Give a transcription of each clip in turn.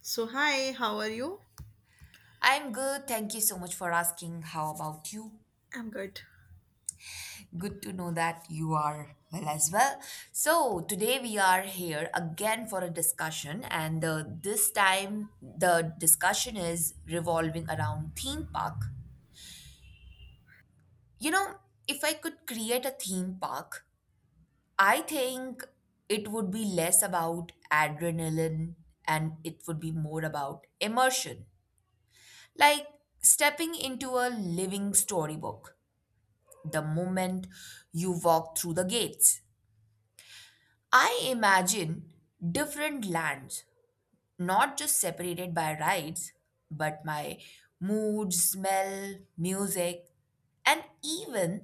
So, hi, how are you? I'm good. Thank you so much for asking. How about you? I'm good. Good to know that you are well as well. So, today we are here again for a discussion, and this time the discussion is revolving around theme park. You know, if I could create a theme park, I think it would be less about adrenaline and it would be more about immersion, like stepping into a living storybook. The moment you walk through the gates. I imagine different lands, not just separated by rides, but my mood, smell, music, and even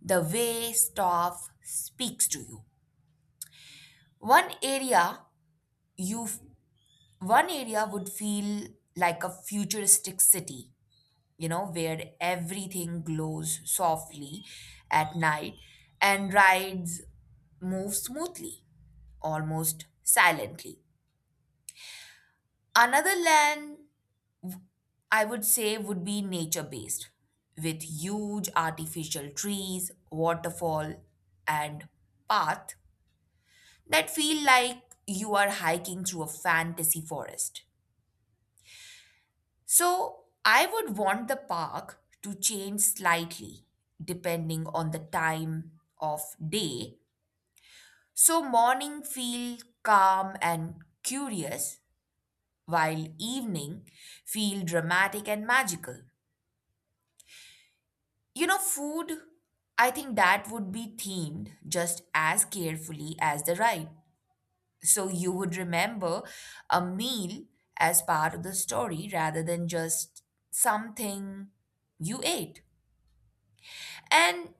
the way stuff speaks to you. One area you One area would feel like a futuristic city, you know, where everything glows softly at night and rides move smoothly, almost silently. Another land, I would say, would be nature based, with huge artificial trees, waterfall, and path that feel like you are hiking through a fantasy forest. So I would want the park to change slightly depending on the time of day. So morning feel calm and curious while evening feel dramatic and magical. You know, food, I think that would be themed just as carefully as the ride. So you would remember a meal as part of the story rather than just something you ate. And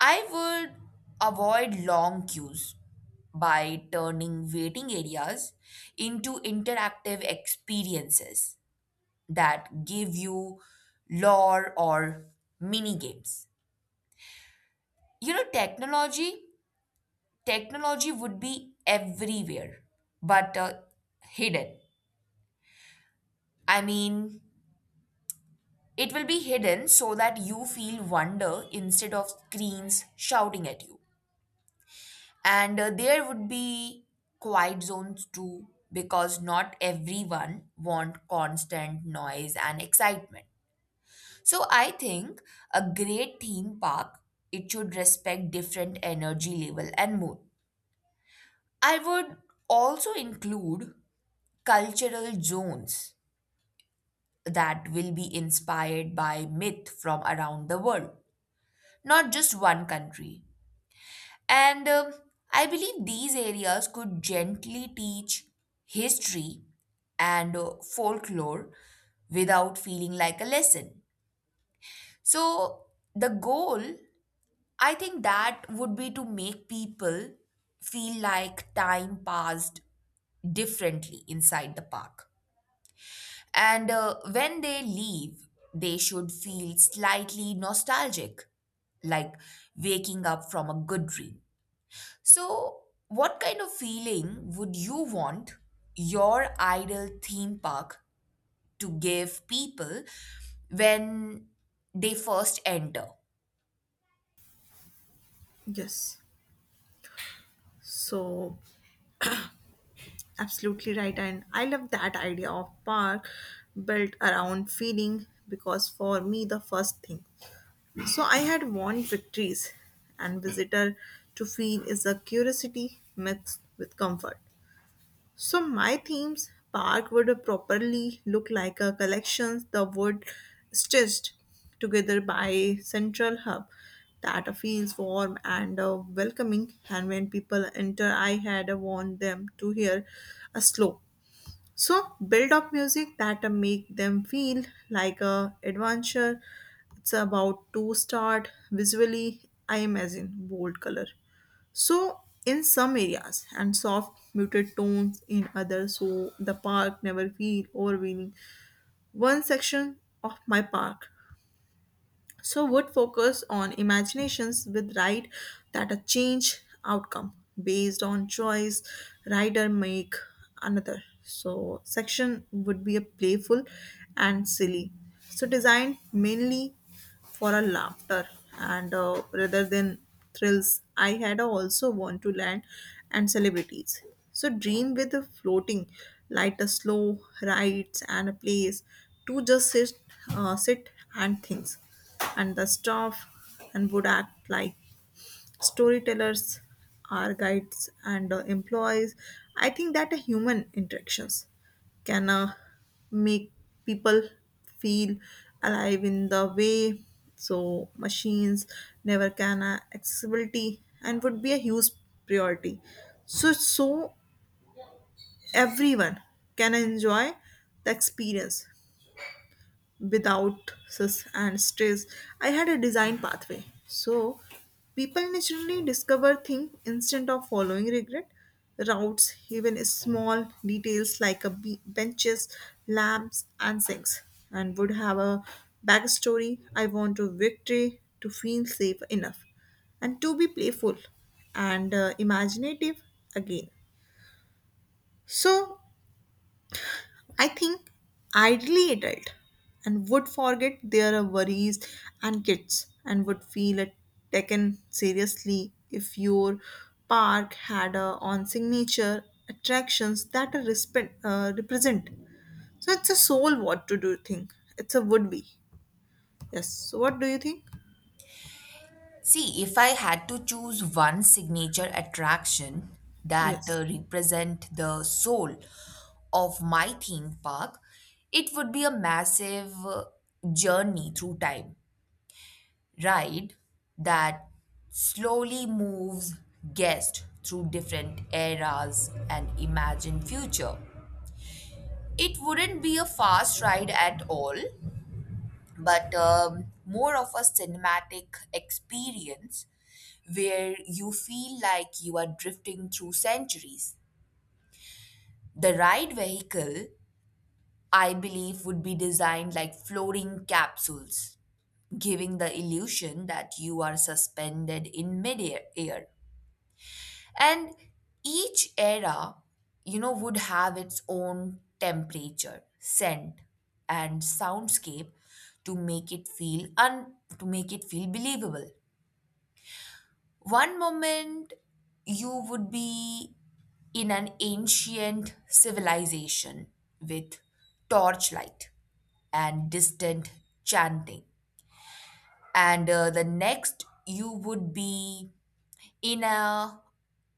I would avoid long queues by turning waiting areas into interactive experiences that give you lore or mini games. You know, technology would be everywhere, but hidden. I mean, it will be hidden so that you feel wonder instead of screens shouting at you. And there would be quiet zones too, because not everyone want constant noise and excitement. So I think a great theme park, it should respect different energy level and mood. I would also include cultural zones that will be inspired by myth from around the world, not just one country. And I believe these areas could gently teach history and folklore without feeling like a lesson. So, the goal, I think that would be to make people feel like time passed differently inside the park. And when they leave, they should feel slightly nostalgic, like waking up from a good dream. So, what kind of feeling would you want your ideal theme park to give people when they first enter? Yes. So, absolutely right. And I love that idea of park built around feeling because for me, the first thing. So, I had won victories, and visitor to feel is a curiosity mixed with comfort. So my themes park would properly look like a collections the wood stitched together by central hub that feels warm and welcoming, and when people enter I had want them to hear a slow so build up music that make them feel like a adventure it's about to start. Visually I imagine bold color so, in some areas, and soft, muted tones in others, so the park never feel overwhelming. One section of my park, so would focus on imaginations with right that a change outcome based on choice rider make another. So, section would be a playful and silly. So, designed mainly for a laughter and rather than thrills. I had also want to land and celebrities so dream with a floating like a slow rides and a place to just sit sit and things and the staff and would act like storytellers, our guides, and employees. I think that human interactions can make people feel alive in the way so machines never can. Accessibility and would be a huge priority so everyone can enjoy the experience without stress and stress. I had a design pathway so people naturally discover things instead of following regret routes. Even small details like a benches, lamps and sinks and would have a backstory. I want to victory to feel safe enough and to be playful and imaginative again. So I think ideally adult and would forget their worries and kids and would feel it taken seriously if your park had a on signature attractions that are represent. So it's a soul what to do thing. It's a would be. Yes. So what do you think? See, if I had to choose one signature attraction that Yes. Represent the soul of my theme park, it would be a massive journey through time ride that slowly moves guests through different eras and imagined future. It wouldn't be a fast ride at all, but more of a cinematic experience where you feel like you are drifting through centuries. The ride vehicle, I believe, would be designed like floating capsules, giving the illusion that you are suspended in midair. And each era, you know, would have its own temperature, scent, and soundscape to make it feel un to make it feel believable. One moment you would be in an ancient civilization with torchlight and distant chanting. And the next, you would be in a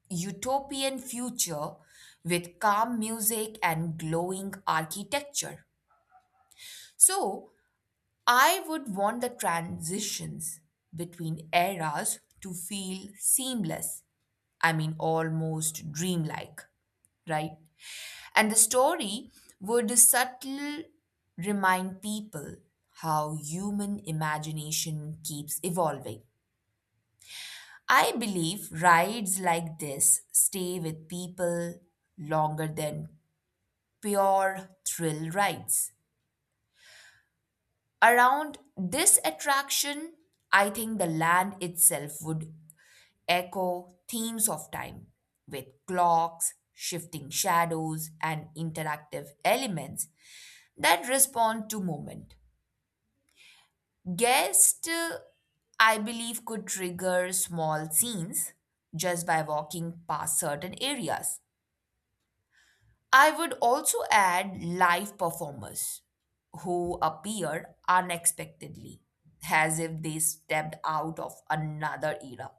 utopian future with calm music and glowing architecture. So, I would want the transitions between eras to feel seamless. I mean, almost dreamlike, right? And the story would subtly remind people how human imagination keeps evolving. I believe rides like this stay with people longer than pure thrill rides. Around this attraction, I think the land itself would echo themes of time with clocks, shifting shadows, and interactive elements that respond to movement. Guests, I believe, could trigger small scenes just by walking past certain areas. I would also add live performers who appear unexpectedly, as if they stepped out of another era.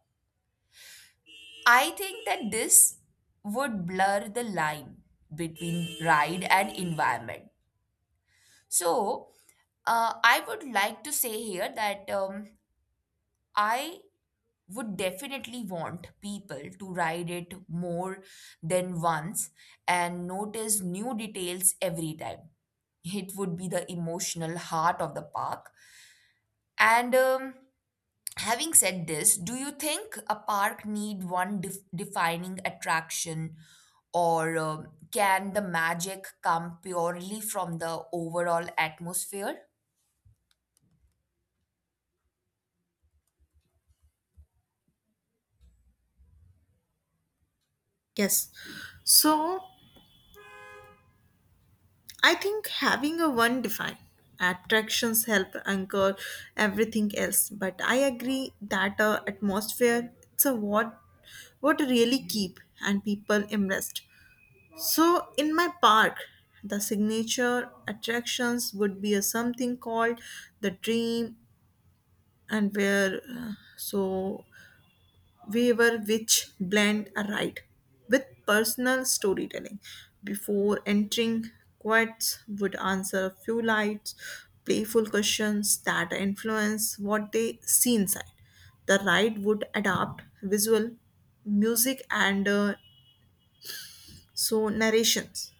I think that this would blur the line between ride and environment. So, I would like to say here that I would definitely want people to ride it more than once and notice new details every time. It would be the emotional heart of the park. And having said this, do you think a park need defining attraction or can the magic come purely from the overall atmosphere? Yes. So I think having a one define attractions help anchor everything else. But I agree that atmosphere it's a what really keep and people immersed. So in my park, the signature attractions would be a something called the dream and where so we were which blend a ride with personal storytelling. Before entering, quotes would answer a few lights, playful questions that influence what they see inside. The ride would adapt visual, music, and so narrations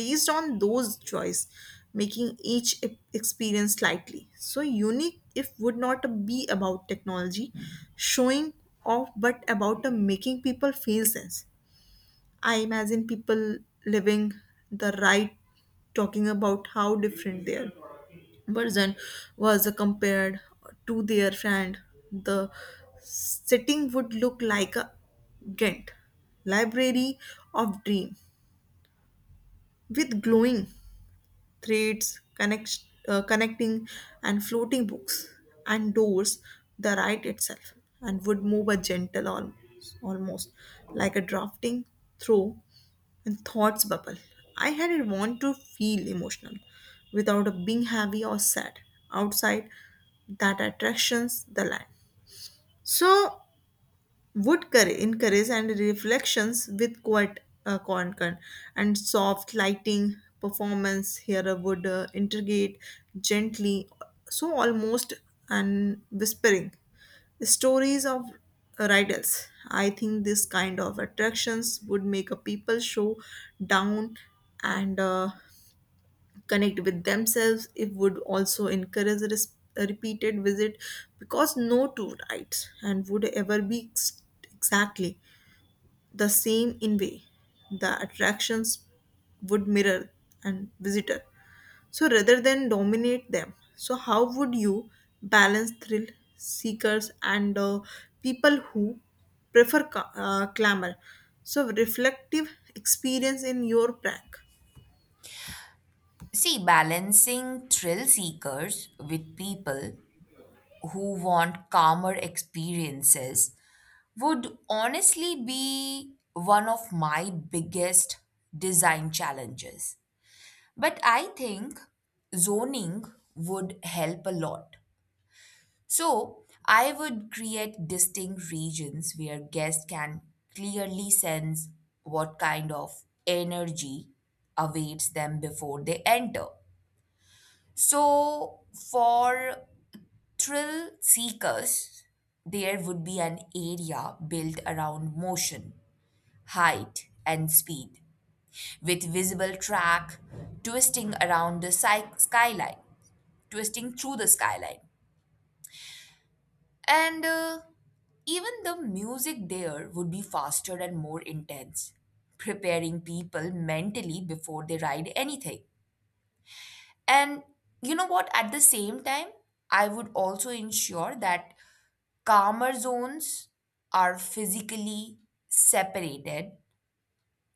based on those choice, making each experience slightly. So unique if would not be about technology showing off but about the making people feel sense. I imagine people living the right talking about how different they are version was compared to their friend. The setting would look like a Ghent library of dream with glowing threads, connect, connecting and floating books and doors. The ride itself, and would move a gentle almost like a drafting through and thoughts bubble. I had a want to feel emotional without a being heavy or sad outside that attractions the land. So would encourage and reflections with quite content and soft lighting. Performance here I would integrate gently so almost and whispering stories of riders. I think this kind of attractions would make a people show down and connect with themselves. It would also encourage a repeated visit because no two rides and would ever be exactly the same in way. The attractions would mirror and visitor so rather than dominate them. So how would you balance thrill seekers and people who prefer clamor so reflective experience in your prank? See, balancing thrill seekers with people who want calmer experiences would honestly be one of my biggest design challenges. But I think zoning would help a lot. So I would create distinct regions where guests can clearly sense what kind of energy awaits them before they enter. So for thrill seekers, there would be an area built around motion, height, and speed, with visible track twisting around the sky- skyline, twisting through the skyline. And even the music there would be faster and more intense, preparing people mentally before they ride anything. And you know what? At the same time, I would also ensure that calmer zones are physically separated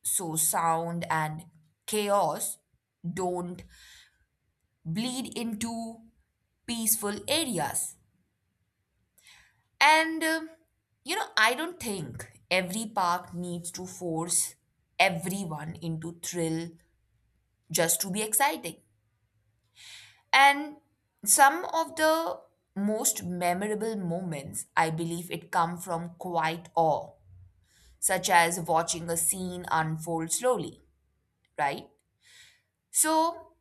so sound and chaos don't bleed into peaceful areas. And you know, I don't think every park needs to force everyone into thrill just to be exciting. And some of the most memorable moments, I believe, it come from quiet awe such as watching a scene unfold slowly, right? So,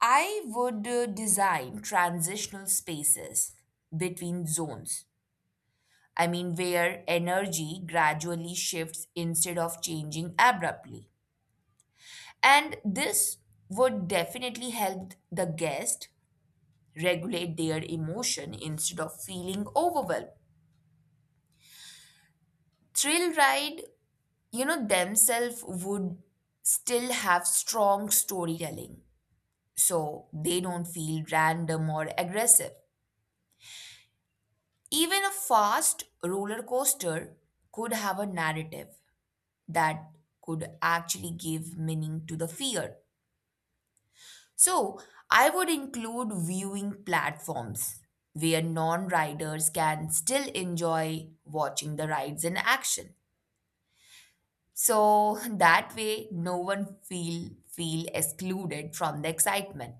I would design transitional spaces between zones. I mean, where energy gradually shifts instead of changing abruptly. And this would definitely help the guest regulate their emotion instead of feeling overwhelmed. Thrill ride, you know, themselves would still have strong storytelling so they don't feel random or aggressive. Even a fast roller coaster could have a narrative that could actually give meaning to the fear. So I would include viewing platforms where non riders can still enjoy watching the rides in action. So that way no one feel excluded from the excitement.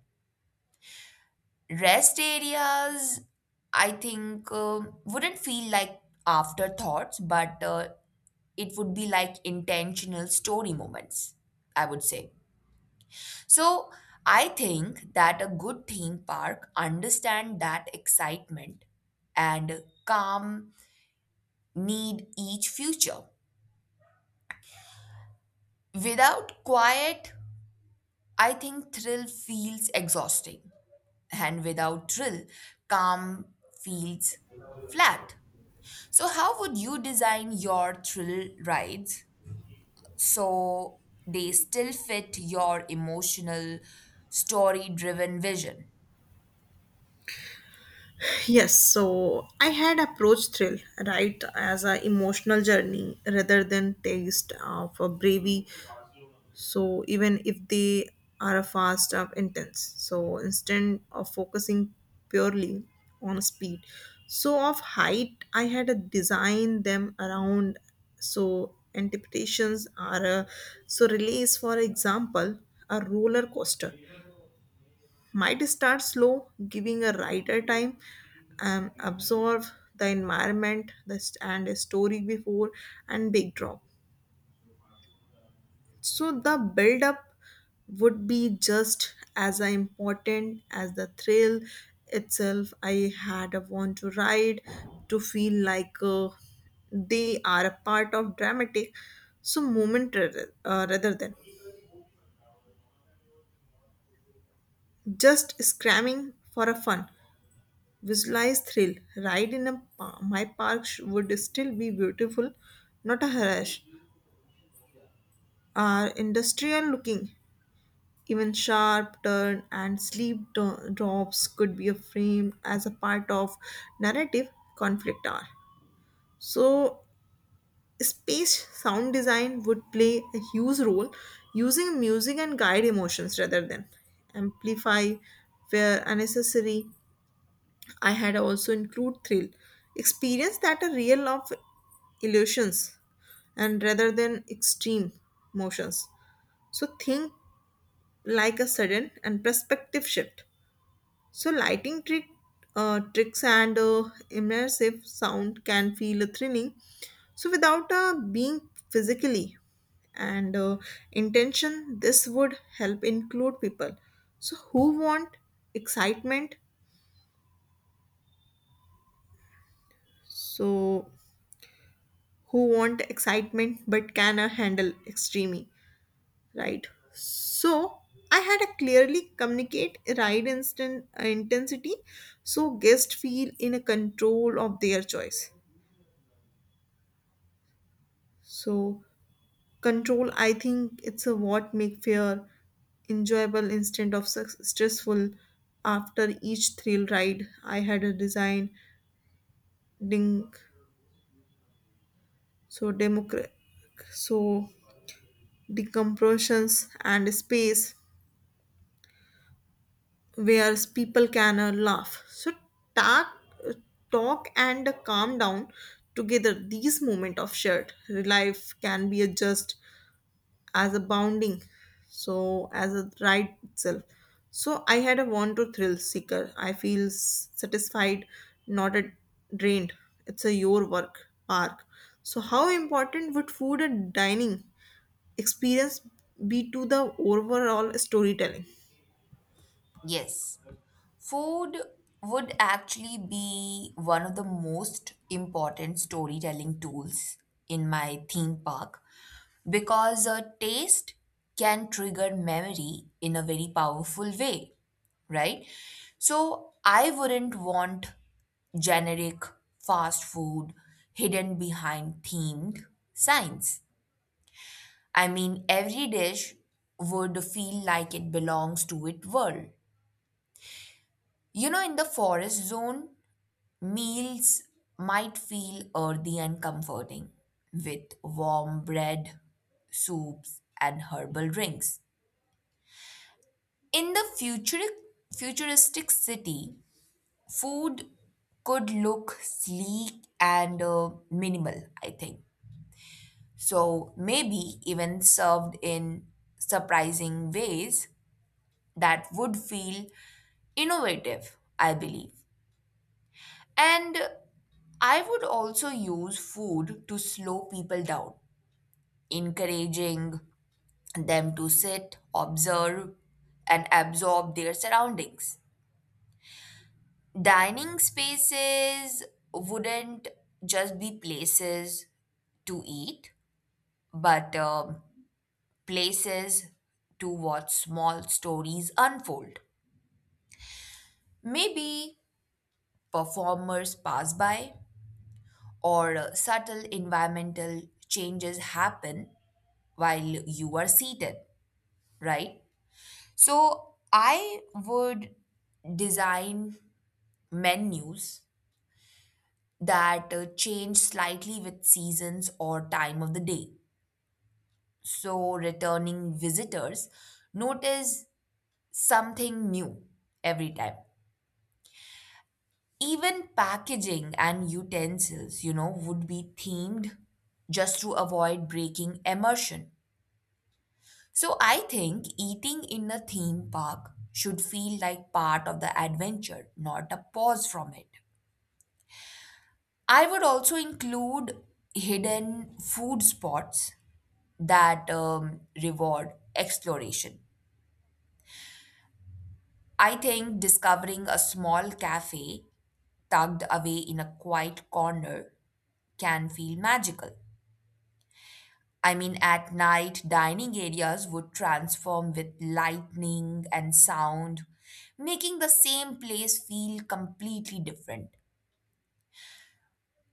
Rest areas, I think, wouldn't feel like afterthoughts, but it would be like intentional story moments, I would say. So I think that a good theme park understand that excitement and calm need each future. Without quiet, I think thrill feels exhausting, and without thrill, calm feels flat. So, how would you design your thrill rides so they still fit your emotional, story driven vision? Yes, so I had approached thrill right as a emotional journey rather than taste of a bravery so even if they are a fast or intense. So instead of focusing purely on speed so of height I had to design them around so interpretations are so release. For example, a roller coaster might start slow giving a rider time absorb the environment, the and a story before and big drop. So the build up would be just as important as the thrill itself. I had a want to ride to feel like they are a part of dramatic so moment rather than just scramming for a fun. Visualized thrill ride in a my park would still be beautiful, not a harass are industrial looking. Even sharp turn and sleep drops could be framed as a part of narrative conflict hour. So, space sound design would play a huge role using music and guide emotions rather than amplify where unnecessary. I had also include thrill experience that are real of illusions and rather than extreme motions. So think like a sudden and perspective shift. So lighting tricks and immersive sound can feel thrilling. So without being physically and intention, this would help include people. So who want excitement? So who want excitement but can handle extreme, right? So I had a clearly communicate ride instant intensity, so guests feel in a control of their choice. So control, I think it's a what make fear enjoyable instead of stressful. After each thrill ride, I had a design ding so democrat so decompressions and space where people can laugh. So talk, talk and calm down together. These moment of shared life can be a just as a bounding so as a ride itself. So I had a want to thrill seeker I feel satisfied, not a drained. It's a your work park. So how important would food and dining experience be to the overall storytelling? Yes, food would actually be one of the most important storytelling tools in my theme park. Because a taste can trigger memory in a very powerful way, right? So I wouldn't want generic fast food hidden behind themed signs. I mean, every dish would feel like it belongs to its world. You know, in the forest zone, meals might feel earthy and comforting with warm bread, soups, and herbal drinks. In the futuristic city, food could look sleek and minimal, I think. So maybe even served in surprising ways that would feel innovative, I believe. And I would also use food to slow people down, encouraging them to sit, observe, and absorb their surroundings. Dining spaces wouldn't just be places to eat, but places to watch small stories unfold. Maybe performers pass by, or subtle environmental changes happen while you are seated, right? So, I would design menus that change slightly with seasons or time of the day. So returning visitors notice something new every time. Even packaging and utensils, you know, would be themed just to avoid breaking immersion. So I think eating in a theme park should feel like part of the adventure, not a pause from it. I would also include hidden food spots that reward exploration. I think discovering a small cafe tucked away in a quiet corner can feel magical. I mean, at night, dining areas would transform with lightning and sound, making the same place feel completely different.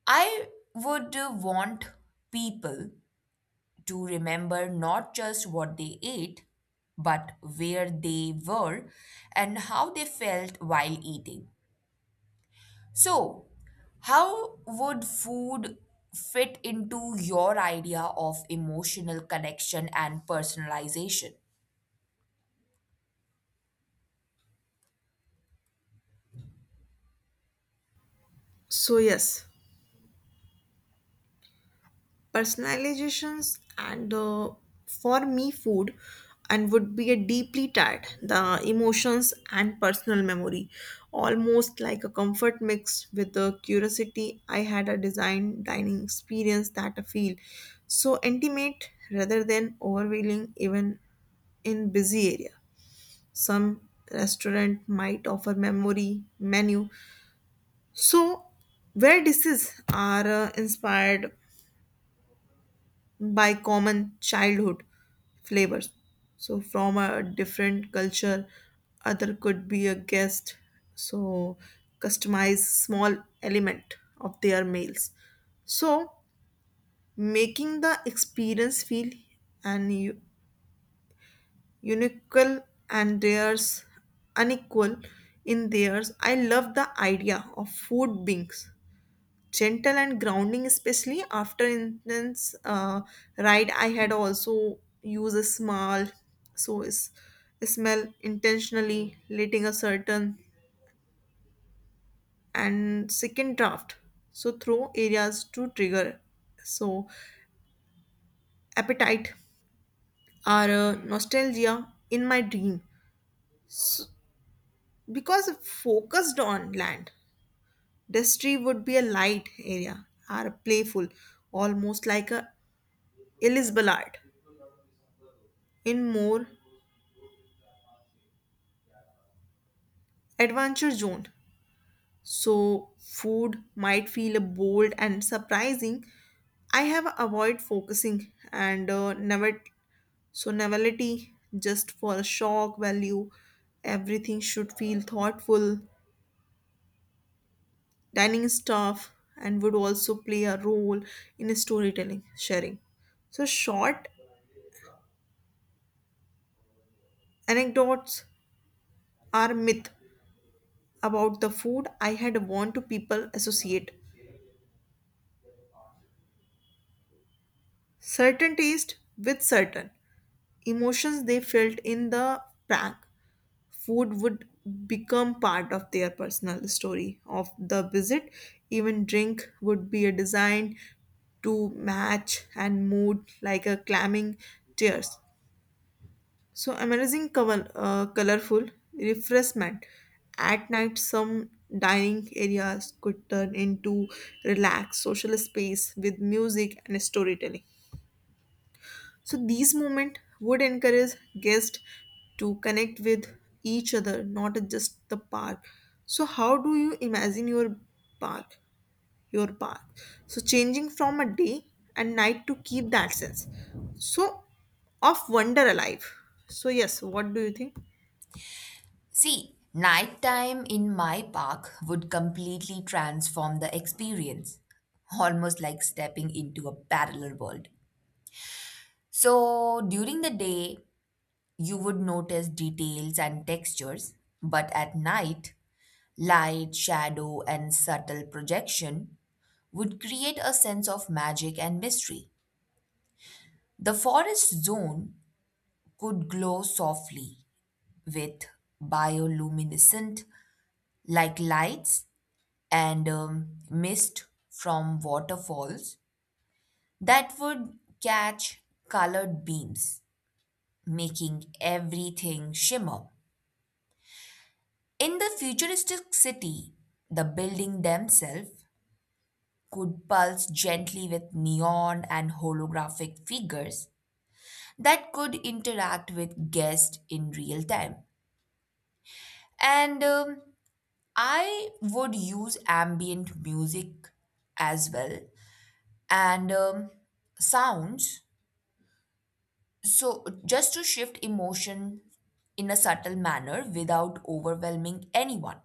I would want people to remember not just what they ate, but where they were and how they felt while eating. So, how would food fit into your idea of emotional connection and personalization? So yes, personalizations and for me food and would be a deeply tied the emotions and personal memory almost like a comfort mixed with the curiosity. I had a design dining experience that I feel so intimate rather than overwhelming even in busy area. Some restaurant might offer memory menu so where dishes are inspired by common childhood flavors. So from a different culture, other could be a guest. So customize small element of their meals. So making the experience feel and unique and theirs unequal in theirs. I love the idea of food beings gentle and grounding, especially after intense ride. I had also used a small so is smell intentionally, letting a certain and second draft so throw areas to trigger so appetite or nostalgia in my dream. So, because focused on land destry would be a light area or playful, almost like a elizabeth art. In more adventure zone. So food might feel bold and surprising. I have avoid focusing and never so novelty just for a shock value. Everything should feel thoughtful. Dining staff and would also play a role in storytelling sharing. So short anecdotes are myth about the food. I had warned to people associate certain taste with certain emotions they felt in the prank. Food would become part of their personal story of the visit. Even drink would be a design to match and mood like a clamming tears. So amazing colorful refreshment. At night, some dining areas could turn into relaxed social space with music and storytelling. So these moments would encourage guests to connect with each other, not just the park. So how do you imagine your park? Your park. So changing from a day and night to keep that sense. So of wonder alive. So yes, what do you think? See, nighttime in my park would completely transform the experience, almost like stepping into a parallel world. So, during the day, you would notice details and textures, but at night, light, shadow, and subtle projection would create a sense of magic and mystery. The forest zone could glow softly with bioluminescent like lights and mist from waterfalls that would catch colored beams, making everything shimmer. In the futuristic city, the building themselves could pulse gently with neon and holographic figures that could interact with guests in real time. And I would use ambient music as well and sounds so just to shift emotion in a subtle manner without overwhelming anyone.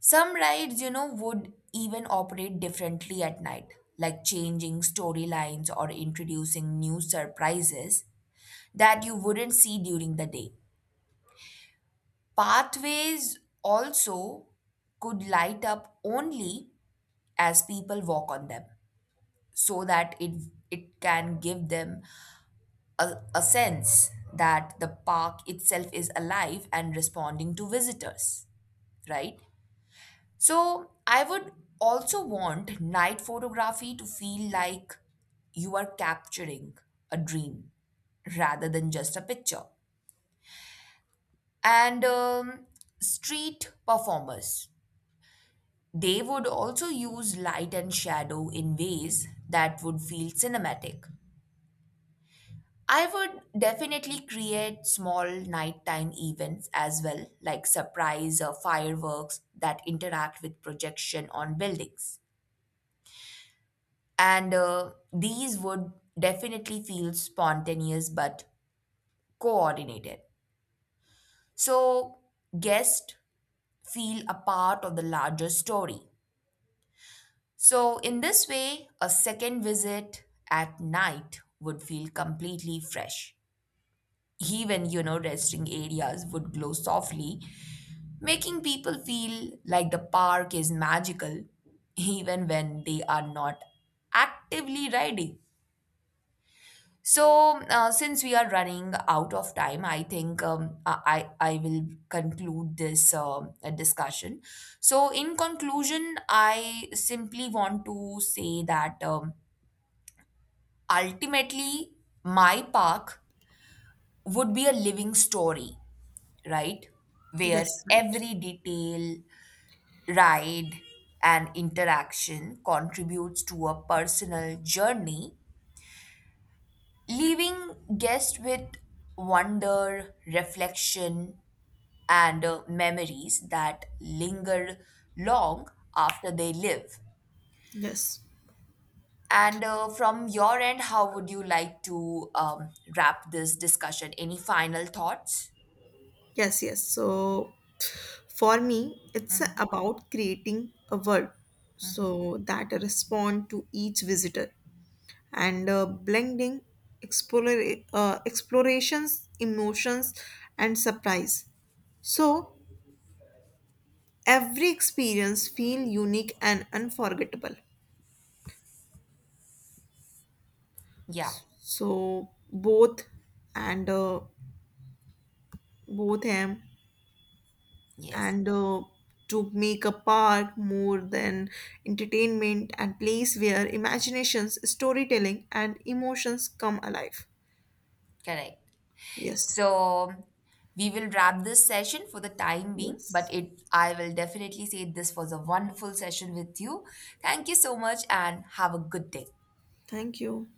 Some rides, you know, would even operate differently at night, like changing storylines or introducing new surprises that you wouldn't see during the day. Pathways also could light up only as people walk on them so that it can give them a sense that the park itself is alive and responding to visitors, right? So I would also want night photography to feel like you are capturing a dream rather than just a picture. And street performers, they would also use light and shadow in ways that would feel cinematic. I would definitely create small nighttime events as well, like surprise or fireworks that interact with projection on buildings. And these would definitely feel spontaneous but coordinated. So guests feel a part of the larger story. So in this way, a second visit at night would feel completely fresh. Even, you know, resting areas would glow softly, making people feel like the park is magical even when they are not actively riding. So, since we are running out of time, I think I will conclude this discussion. So, in conclusion, I simply want to say that ultimately, my park would be a living story, right? Where Yes, right. every detail, ride and interaction contributes to a personal journey, leaving guests with wonder, reflection, and memories that linger long after they leave. Yes. And from your end, how would you like to wrap this discussion? Any final thoughts? Yes, yes. So for me, it's about creating a world so that respond to each visitor and blending explore, explorations, emotions, and surprise. So every experience feel unique and unforgettable. Yeah, So both and both him yes, and to make a park more than entertainment and place where imaginations, storytelling, and emotions come alive. correct. Yes. So we will wrap this session for the time being, but Yes. it I will definitely say this was a wonderful session with you. Thank you so much and have a good day. Thank you.